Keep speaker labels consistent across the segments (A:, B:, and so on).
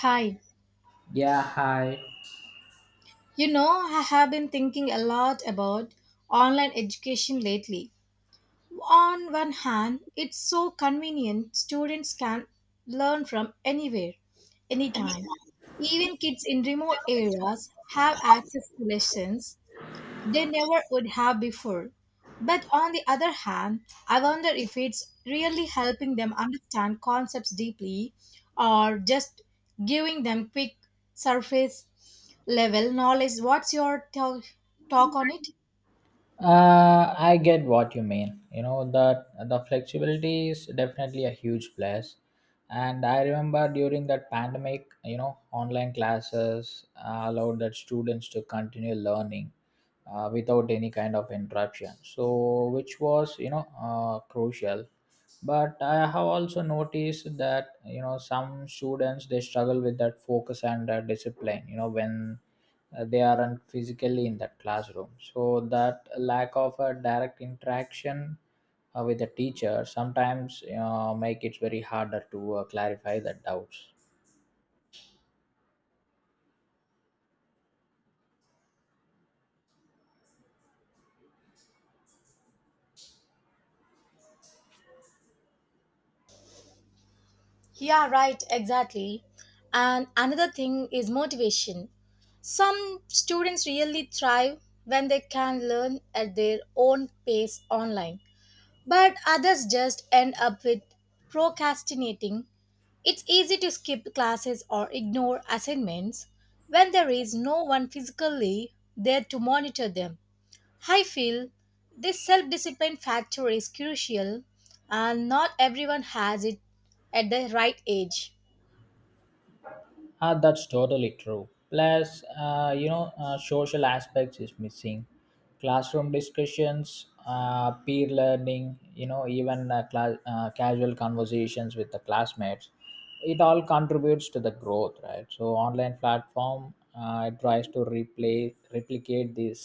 A: Hi,
B: Yeah, hi.
A: you know, I have been thinking a lot about online education lately. On one hand, it's so convenient, students can learn from anywhere, anytime. Even kids in remote areas have access to lessons, they never would have before. But on the other hand, I wonder if it's really helping them understand concepts deeply or just giving them quick surface level knowledge. What's your talk on it?
B: I get what you mean. You know that the flexibility is definitely a huge plus. And I remember during that pandemic, online classes allowed that students to continue learning without any kind of interruption, so which was crucial, but I have also noticed that you know some students they struggle with that focus and discipline, you know, when they aren't physically in that classroom. So that lack of a direct interaction with the teacher sometimes make it very harder to clarify the doubts.
A: Yeah, right, exactly. And another thing is motivation. Some students really thrive when they can learn at their own pace online. But others just end up with procrastinating. It's easy to skip classes or ignore assignments when there is no one physically there to monitor them. I feel this self discipline factor is crucial and not everyone has it at the right age.
B: Ah, that's totally true. Plus, social aspects is missing. Classroom discussions, peer learning, you know, even cla casual conversations with the classmates, it all contributes to the growth, right? So, online platform it tries to replay replicate this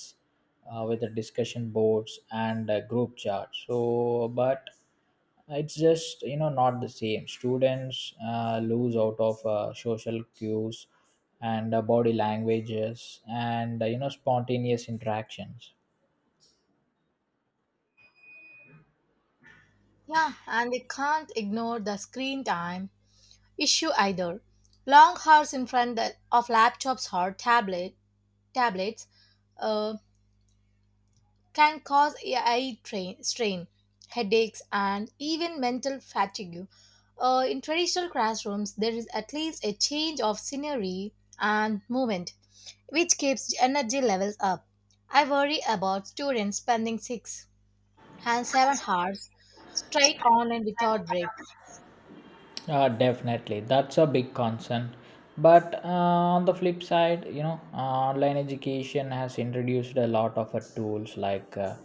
B: with the discussion boards and group chats. So, but it's just, you know, not the same. Students lose out of social cues and body languages and you know, spontaneous interactions.
A: Yeah, and they can't ignore the screen time issue either. Long hours in front of laptops or tablets uh, can cause eye strain, headaches, and even mental fatigue. In traditional classrooms, there is at least a change of scenery and movement, which keeps energy levels up. I worry about students spending 6 and 7 hours straight online without breaks.
B: Definitely, that's a big concern. But on the flip side, online education has introduced a lot of tools like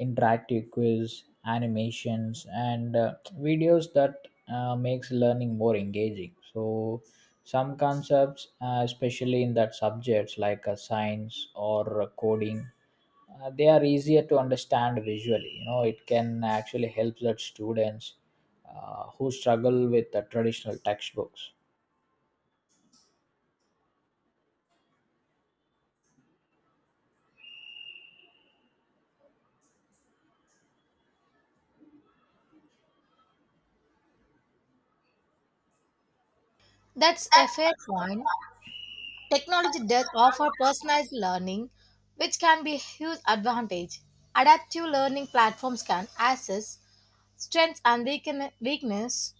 B: interactive quiz, animations, and videos that makes learning more engaging. So some concepts, especially in that subjects like science or coding, they are easier to understand visually. You know, it can actually help the students who struggle with the traditional textbooks.
A: That's a fair point. Technology does offer personalized learning, which can be a huge advantage. Adaptive learning platforms can assess strengths and weakness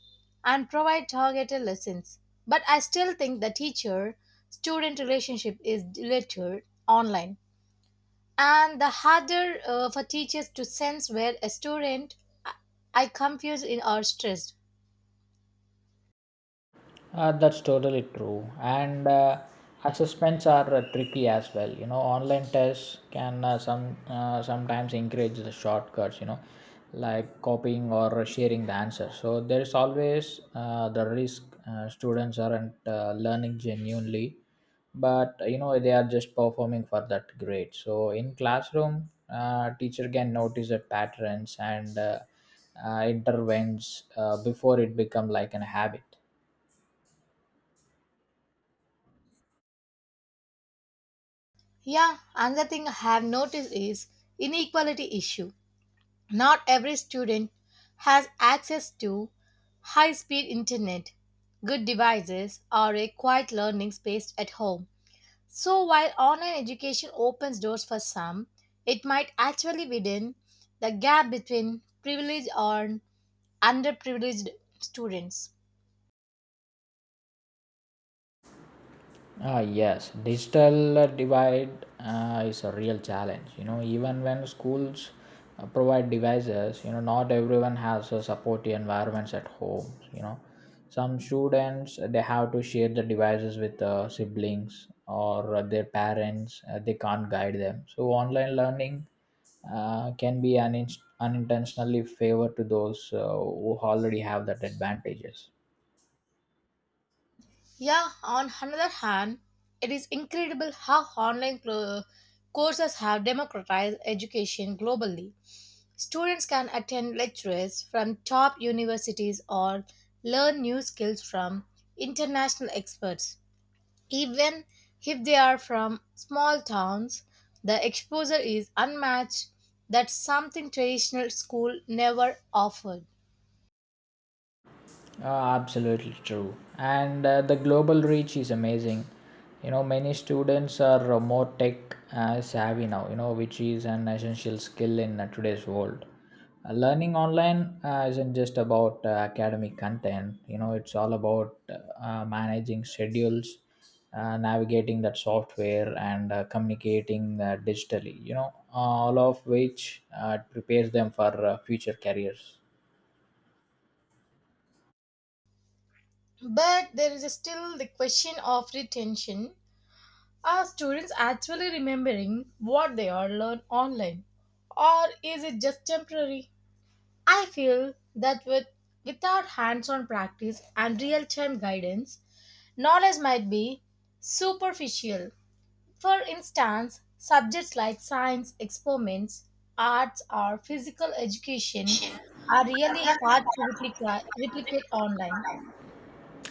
A: and provide targeted lessons. But I still think the teacher student relationship is littered online and the harder for teachers to sense where a student I I confused in or stressed.
B: That's totally true. And assessments are tricky as well. You know, online tests can sometimes encourage the shortcuts. You know, like copying or sharing the answer. So there is always the risk students aren't learning genuinely, but you know they are just performing for that grade. So in classroom, teacher can notice the patterns and intervenes before it become like an habit.
A: Yeah, another thing I have noticed is inequality issue. Not every student has access to high speed internet, good devices, or a quiet learning space at home. So while online education opens doors for some, it might actually widen the gap between privileged and underprivileged students.
B: Ah, yes, digital divide is a real challenge. You know, even when schools provide devices, you know, not everyone has a supportive environments at home. You know, some students they have to share the devices with siblings or their parents. They can't guide them. So online learning can be an unintentionally favor to those who already have that advantages.
A: Yeah, on another hand, it is incredible how online courses have democratized education globally. Students can attend lectures from top universities or learn new skills from international experts. Even if they are from small towns, the exposure is unmatched. That's something traditional school never offered.
B: Ah, absolutely true. And the global reach is amazing. You know, many students are more tech savvy now, you know, which is an essential skill in today's world. Learning online isn't just about academic content. You know, it's all about managing schedules, navigating that software, and communicating digitally. You know, all of which prepares them for future careers.
A: But there is still the question of retention. Are students actually remembering what they are learned online? Or is it just temporary? I feel that without hands-on practice and real-time guidance, knowledge might be superficial. For instance, subjects like science, experiments, arts, or physical education are really hard to replicate online.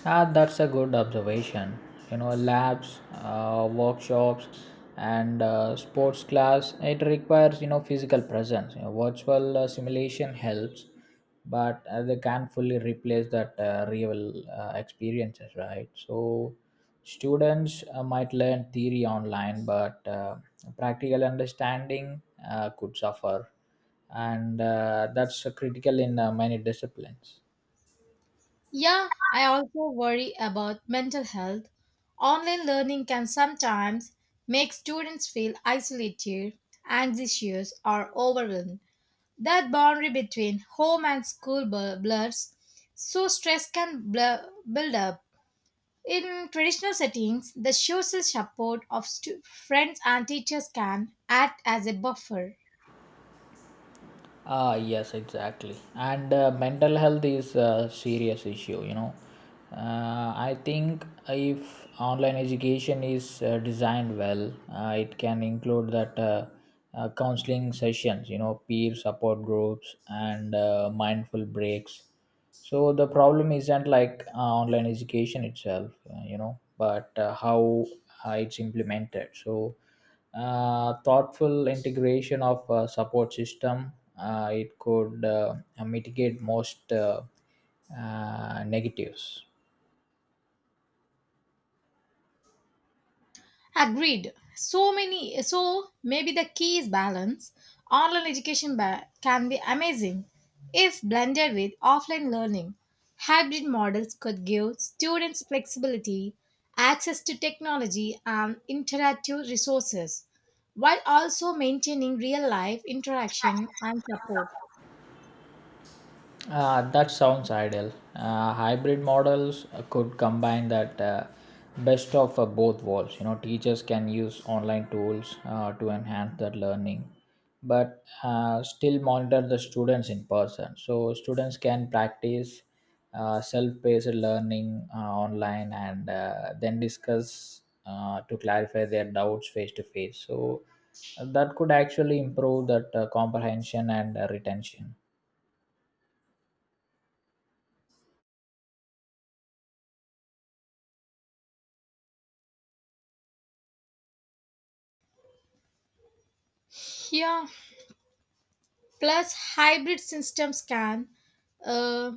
B: Ah, that's a good observation. You know, labs, workshops, and sports class. It requires, you know, physical presence. You know, virtual simulation helps, but they can't fully replace that real experiences, right? So, students might learn theory online, but practical understanding could suffer, and that's critical in many disciplines.
A: Yeah, I also worry about mental health. Online learning can sometimes make students feel isolated, anxious, or overwhelmed. That boundary between home and school blurs, so stress can build up. In traditional settings, the social support of friends and teachers can act as a buffer.
B: Ah, yes, exactly. And mental health is a serious issue, you know. I think if online education is designed well, it can include that counseling sessions, you know, peer support groups, and mindful breaks. So the problem isn't like online education itself, but how it's implemented. So thoughtful integration of a support system it could mitigate most negatives.
A: Agreed. So maybe the key is balance. Online education can be amazing if blended with offline learning. Hybrid models could give students flexibility, access to technology, and interactive resources, while also maintaining real life interaction and support.
B: That sounds ideal. Hybrid models could combine that best of both worlds. You know, teachers can use online tools to enhance their learning, but still monitor the students in person. So students can practice self-paced learning online and then discuss to clarify their doubts face to face. So that could actually improve that comprehension and retention.
A: Yeah. Plus, hybrid systems can uh,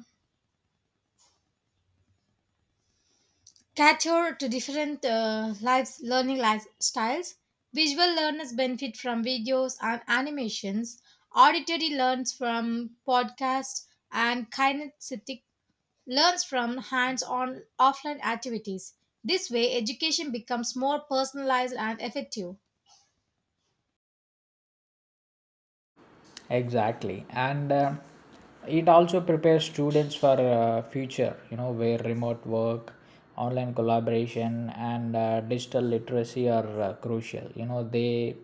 A: cater to different learning lifestyles. Visual learners benefit from videos and animations. Auditory learns from podcasts, and kinesthetic learns from hands-on offline activities. This way, education becomes more personalized and effective.
B: Exactly, and it also prepares students for future, you know, where remote work, online collaboration, and digital literacy are crucial. You know, they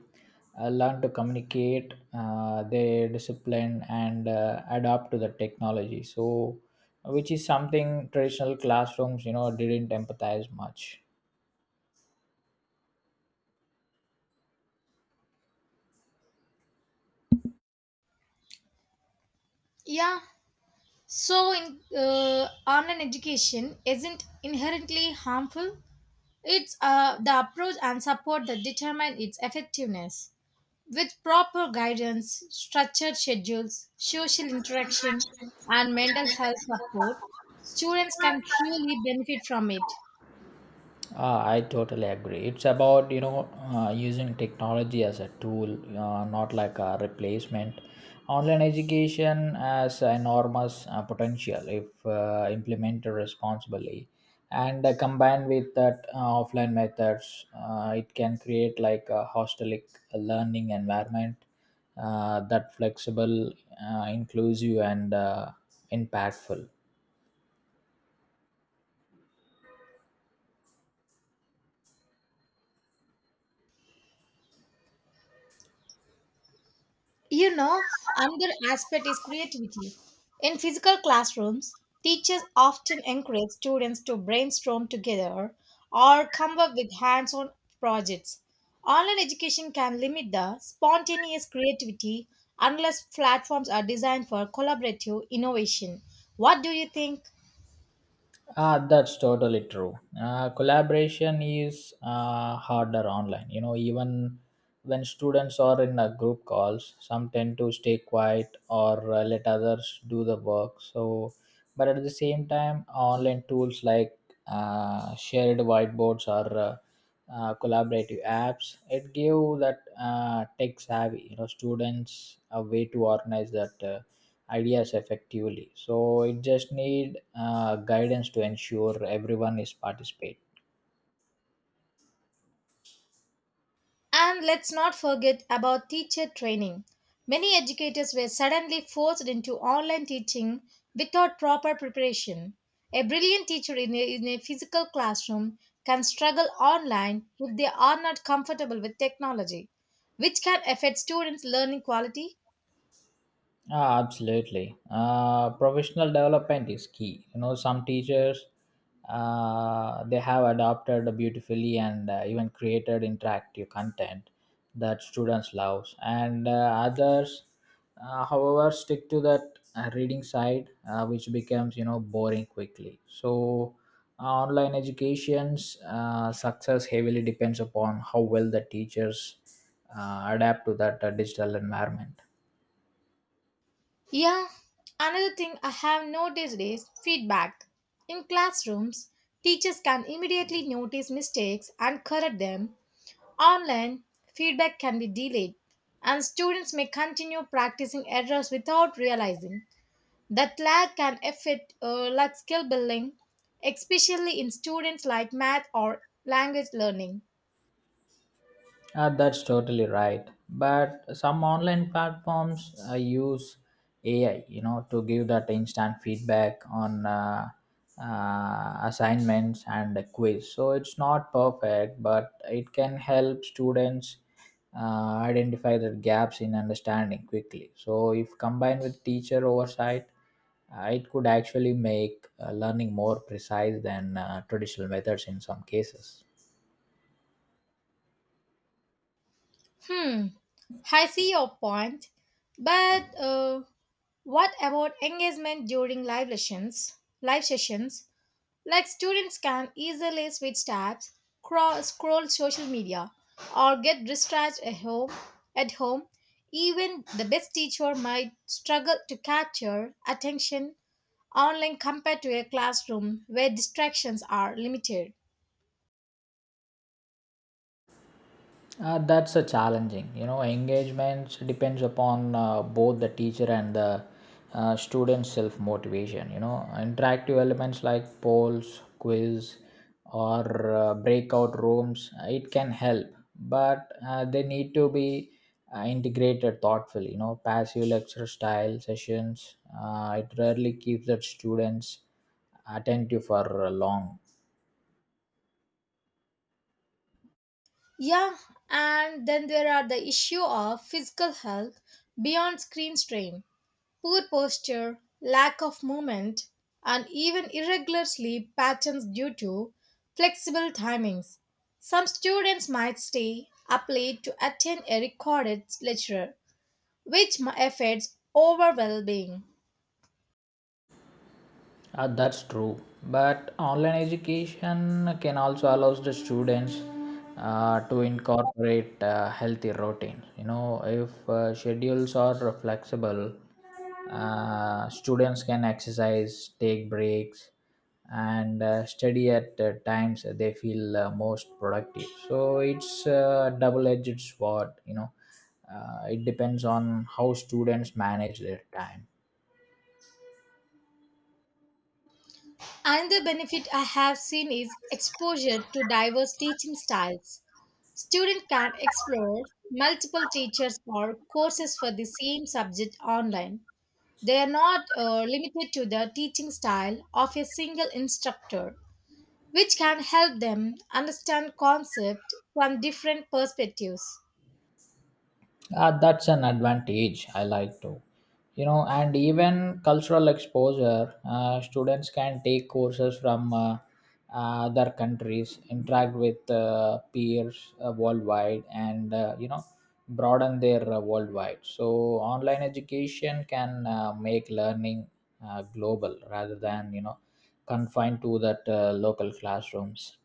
B: learn to communicate their discipline and adapt to the technology, so which is something traditional classrooms, you know, didn't empathize much.
A: Yeah. So, online education isn't inherently harmful. It's the approach and support that determine its effectiveness. With proper guidance, structured schedules, social interaction, and mental health support, students can truly benefit from it.
B: I totally agree. It's about, you know, using technology as a tool, not like a replacement. Online education has enormous potential if implemented responsibly, and combined with that offline methods, it can create like a hostelic learning environment that flexible, inclusive, and impactful.
A: You know, another aspect is creativity. In physical classrooms, teachers often encourage students to brainstorm together or come up with hands on projects. Online education can limit the spontaneous creativity unless platforms are designed for collaborative innovation. What do you think?
B: Ah, that's totally true. Collaboration is harder online. You know, even when students are in a group calls, some tend to stay quiet or let others do the work. So but at the same time, online tools like shared whiteboards or collaborative apps, it give that tech savvy, you know, students a way to organize that ideas effectively, so it just need guidance to ensure everyone is participate.
A: And let's not forget about teacher training. Many educators were suddenly forced into online teaching without proper preparation. A brilliant teacher in a physical classroom can struggle online if they are not comfortable with technology, which can affect students' learning quality.
B: Ah, absolutely. Professional development is key. You know, some teachers they have adopted beautifully and even created interactive content that students love, and others, however, stick to that reading side, which becomes, you know, boring quickly. So, online education's success heavily depends upon how well the teachers adapt to that digital environment.
A: Yeah, another thing I have noticed is feedback. In classrooms, teachers can immediately notice mistakes and correct them. Online, feedback can be delayed, and students may continue practicing errors without realizing that lag can affect like skill building, especially in students like math or language learning.
B: That's totally right. But some online platforms use AI, you know, to give that instant feedback on assignments and a quiz. So it's not perfect, but it can help students identify the gaps in understanding quickly. So if combined with teacher oversight, it could actually make learning more precise than traditional methods in some cases.
A: Hmm, I see your point, but what about engagement during live lessons? Live sessions Like students can easily switch tabs, scroll social media, or get distracted at home. At home, even the best teacher might struggle to capture attention online compared to a classroom where distractions are limited.
B: That's a challenging. You know, engagement depends upon both the teacher and the student's self motivation. You know, interactive elements like polls, quiz, or breakout rooms it can help, but they need to be integrated thoughtfully. You know, passive lecture style sessions it rarely keeps the students attentive for long.
A: Yeah, and then there are the issue of physical health beyond screen strain. Poor posture, lack of movement, and even irregular sleep patterns due to flexible timings. Some students might stay up late to attend a recorded lecture, which affects overall well being.
B: That's true. But online education can also allows the students to incorporate healthy routines. You know, if schedules are flexible, students can exercise, take breaks, and study at times they feel most productive. So it's a double-edged sword. It depends on how students manage their time.
A: Another benefit I have seen is exposure to diverse teaching styles. Students can explore multiple teachers or courses for the same subject online. They are not limited to the teaching style of a single instructor, which can help them understand concepts from different perspectives.
B: That's an advantage I like to. You know, and even cultural exposure, students can take courses from other countries, interact with peers worldwide, and broaden their worldwide. So, online education can make learning global rather than, you know, confined to that local classrooms.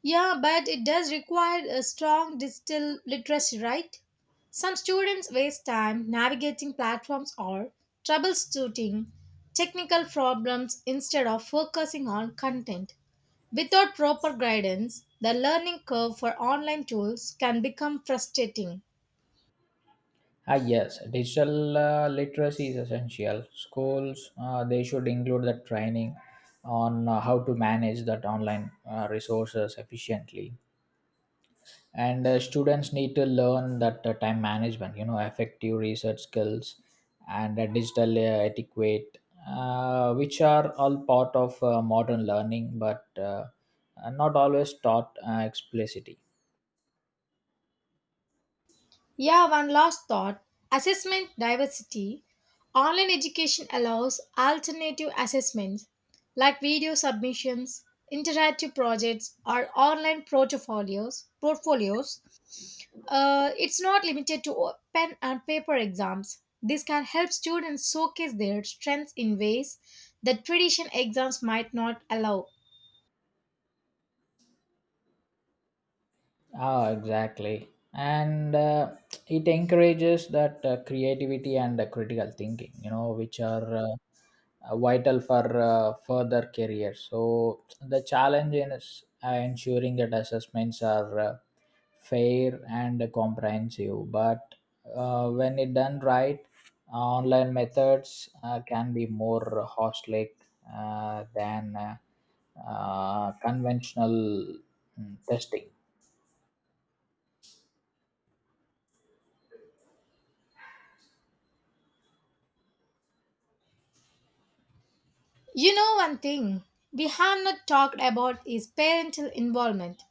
A: Yeah, but it does require a strong digital literacy, right? Some students waste time navigating platforms or troubleshooting technical problems instead of focusing on content. Without proper guidance, the learning curve for online tools can become frustrating.
B: Ah, yes, digital literacy is essential. Schools they should include the training on how to manage that online resources efficiently, and students need to learn that time management, you know, effective research skills, and digital etiquette, which are all part of modern learning, but are not always taught explicitly.
A: Yeah, one last thought: assessment diversity. Online education allows alternative assessments like video submissions, interactive projects, or online portfolios. It's not limited to pen and paper exams. This can help students showcase their strengths in ways that traditional exams might not allow.
B: Ah, exactly. And it encourages that creativity and critical thinking, you know, which are vital for further careers. So the challenge is ensuring that assessments are fair and comprehensive. But when it done right, online methods can be more holistic than conventional testing.
A: You know, one thing we have not talked about is parental involvement.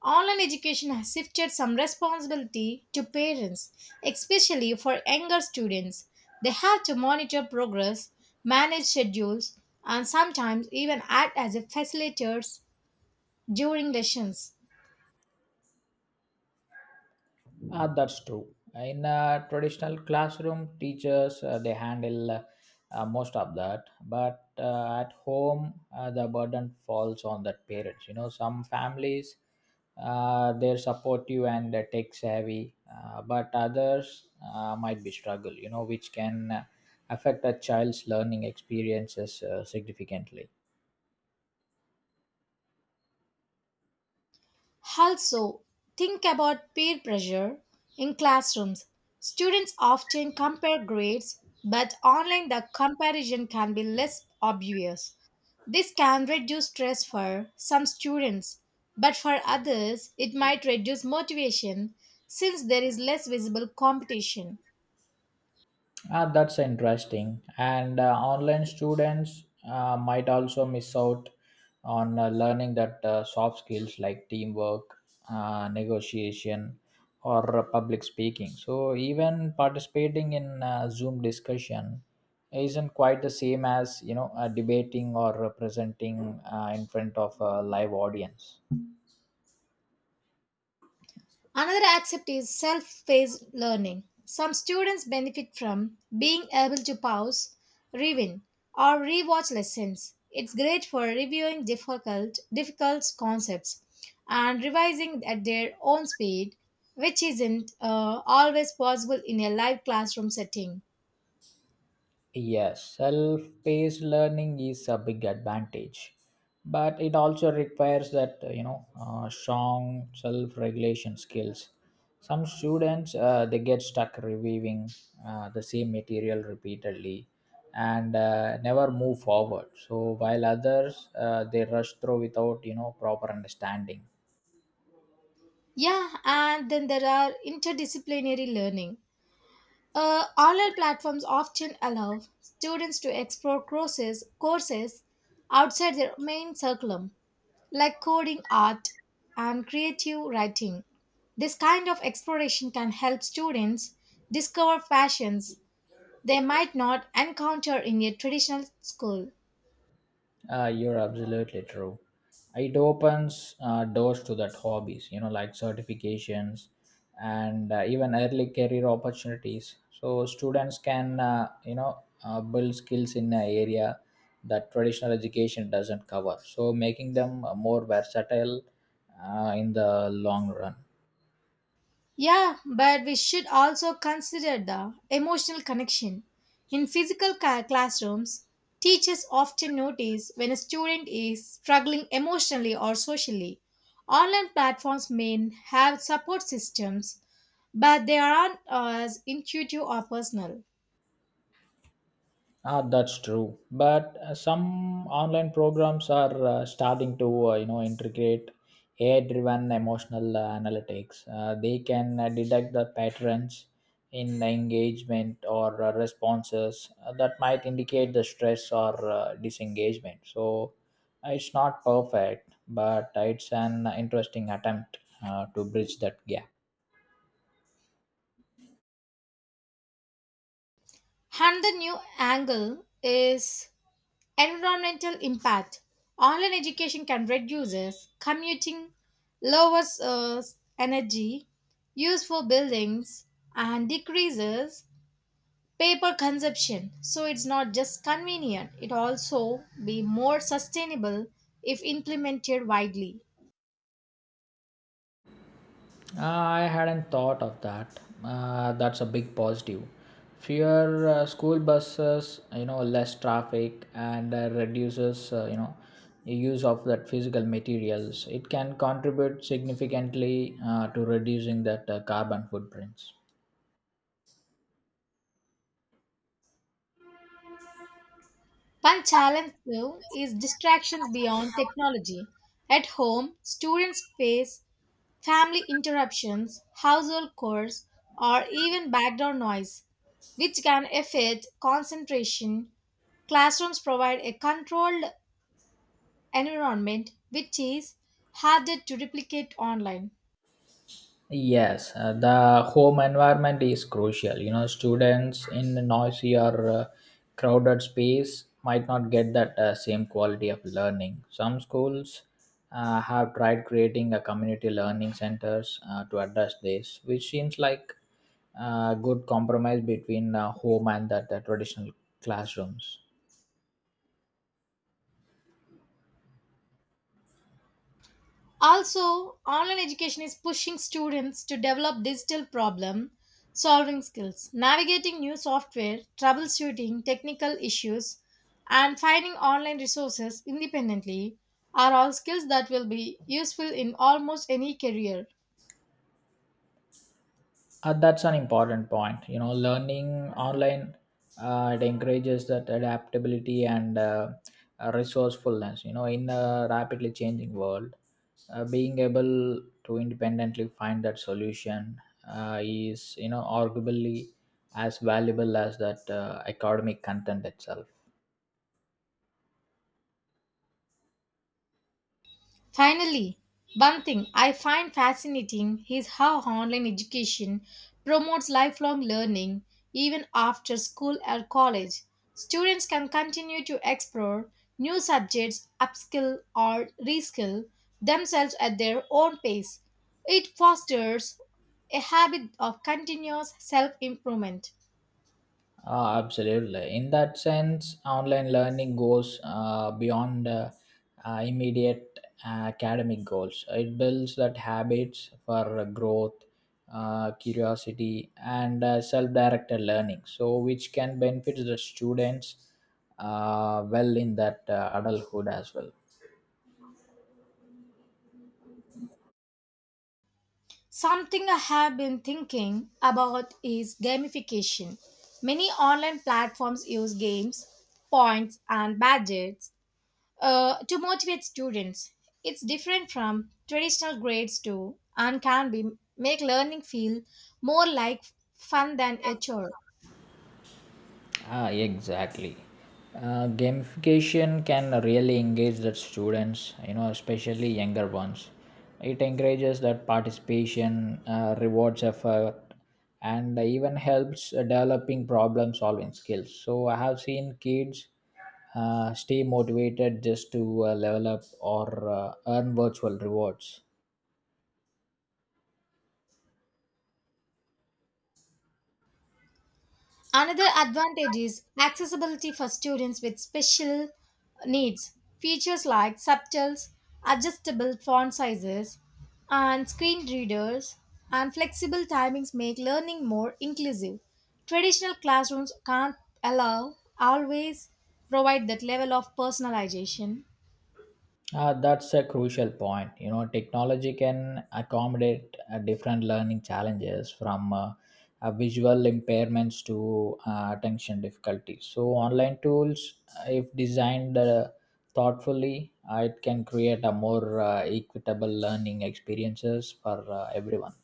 A: Online education has shifted some responsibility to parents, especially for younger students. They have to monitor progress, manage schedules, and sometimes even act as a facilitators during lessons.
B: Ah, that's true. In a traditional classroom, teachers they handle most of that, but at home, the burden falls on the parents. You know, some families they're supportive and tech savvy, but others might be struggle. You know, which can affect a child's learning experiences significantly.
A: Also, think about peer pressure in classrooms. Students often compare grades, but online the comparison can be less obvious. This can reduce stress for some students, but for others, it might reduce motivation since there is less visible competition.
B: Ah, that's interesting. And online students might also miss out on learning that soft skills like teamwork, negotiation, or public speaking. So even participating in Zoom discussion isn't quite the same as, you know, debating or presenting in front of a live audience.
A: Another aspect is self paced learning. Some students benefit from being able to pause, rewind, or rewatch lessons. It's great for reviewing difficult concepts and revising at their own speed, which isn't always possible in a live classroom setting.
B: Yes, self paced learning is a big advantage, but it also requires that, strong self regulation skills. Some students they get stuck reviewing the same material repeatedly and never move forward. So while others they rush through without, you know, proper understanding.
A: Yeah, and then there are interdisciplinary learning. Online platforms often allow students to explore courses outside their main curriculum, like coding, art, and creative writing. This kind of exploration can help students discover passions they might not encounter in a traditional school.
B: You're absolutely true. It opens doors to that hobbies, you know, like certifications and even early career opportunities. So students can, build skills in an area that traditional education doesn't cover. So making them more versatile in the long run.
A: Yeah, but we should also consider the emotional connection. In physical classrooms, teachers often notice when a student is struggling emotionally or socially. Online platforms may have support systems, but they aren't as intuitive or personal.
B: Ah, that's true. But some online programs are starting to, integrate AI-driven emotional analytics. They can detect the patterns in engagement or responses that might indicate the stress or disengagement. So it's not perfect, but it's an interesting attempt to bridge that gap.
A: And the new angle is environmental impact. Online education can reduce commuting, lowers energy use for buildings, and decreases paper consumption. So it's not just convenient, it also be more sustainable if implemented widely.
B: I hadn't thought of that. That's a big positive. Fewer school buses, you know, less traffic, and reduces, the use of that physical materials. It can contribute significantly to reducing that carbon footprints.
A: One challenge though is distractions beyond technology. At home, students face family interruptions, household chores, or even background noise, which can affect concentration. Classrooms provide a controlled environment which is harder to replicate online.
B: Yes, the home environment is crucial. You know, students in a noisy or crowded space might not get that same quality of learning. Some schools have tried creating a community learning centers to address this, which seems like a good compromise between home and the traditional classrooms.
A: Also, online education is pushing students to develop digital problem solving skills, navigating new software, troubleshooting technical issues, and finding online resources independently are all skills that will be useful in almost any career.
B: That's an important point. You know, learning online it encourages that adaptability and resourcefulness. You know, in a rapidly changing world, being able to independently find that solution is, you know, arguably as valuable as that academic content itself.
A: Finally, one thing I find fascinating is how online education promotes lifelong learning even after school or college. Students can continue to explore new subjects, upskill or reskill themselves at their own pace. It fosters a habit of continuous self improvement.
B: Ah, absolutely. In that sense, online learning goes beyond immediate academic goals. It builds that habits for growth, curiosity, and self-directed learning. So, which can benefit the students well in that adulthood as well.
A: Something I have been thinking about is gamification. Many online platforms use games, points, and badges to motivate students. It's different from traditional grades too, and can be make learning feel more like fun than a chore.
B: Ah, exactly. Gamification can really engage the students, you know, especially younger ones. It encourages that participation, rewards effort, and even helps developing problem solving skills. So I have seen kids stay motivated just to level up or earn virtual rewards.
A: Another advantage is accessibility for students with special needs. Features like subtitles, adjustable font sizes, and screen readers and flexible timings make learning more inclusive. Traditional classrooms can't allow always provide that level of personalization.
B: That's a crucial point. You know, technology can accommodate different learning challenges from visual impairments to attention difficulties. So, online tools, if designed thoughtfully, it can create a more equitable learning experiences for everyone.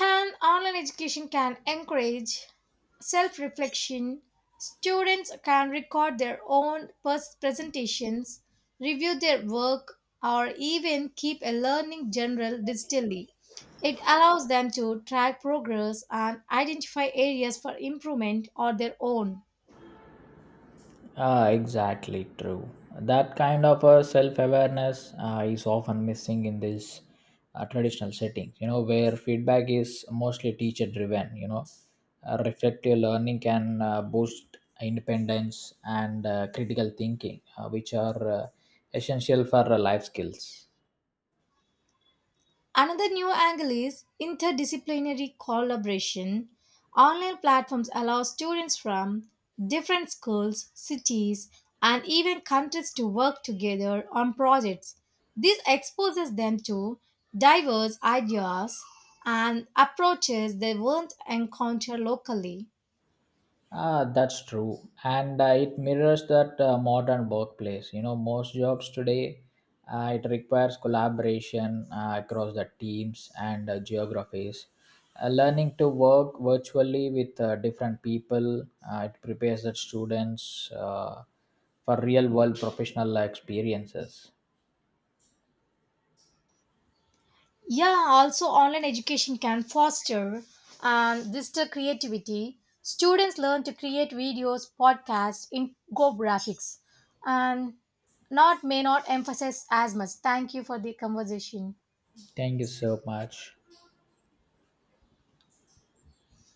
A: And online education can encourage self reflection. Students can record their own presentations, review their work, or even keep a learning journal digitally. It allows them to track progress and identify areas for improvement or their own.
B: Ah, exactly true. That kind of a self-awareness is often missing in this traditional settings. You know, where feedback is mostly teacher-driven. Reflective learning can boost independence and critical thinking, which are essential for life skills.
A: Another new angle is interdisciplinary collaboration. Online platforms allow students from different schools, cities, and even countries to work together on projects. This exposes them to diverse ideas and approaches they won't encounter locally.
B: Ah, that's true, and it mirrors that modern workplace. You know, most jobs today it requires collaboration across the teams and geographies. Learning to work virtually with different people it prepares the students for real world professional experiences.
A: Yeah, also online education can foster and this creativity. Students learn to create videos, podcasts, infographics, and not may not emphasize as much. Thank you for the conversation.
B: Thank you so much.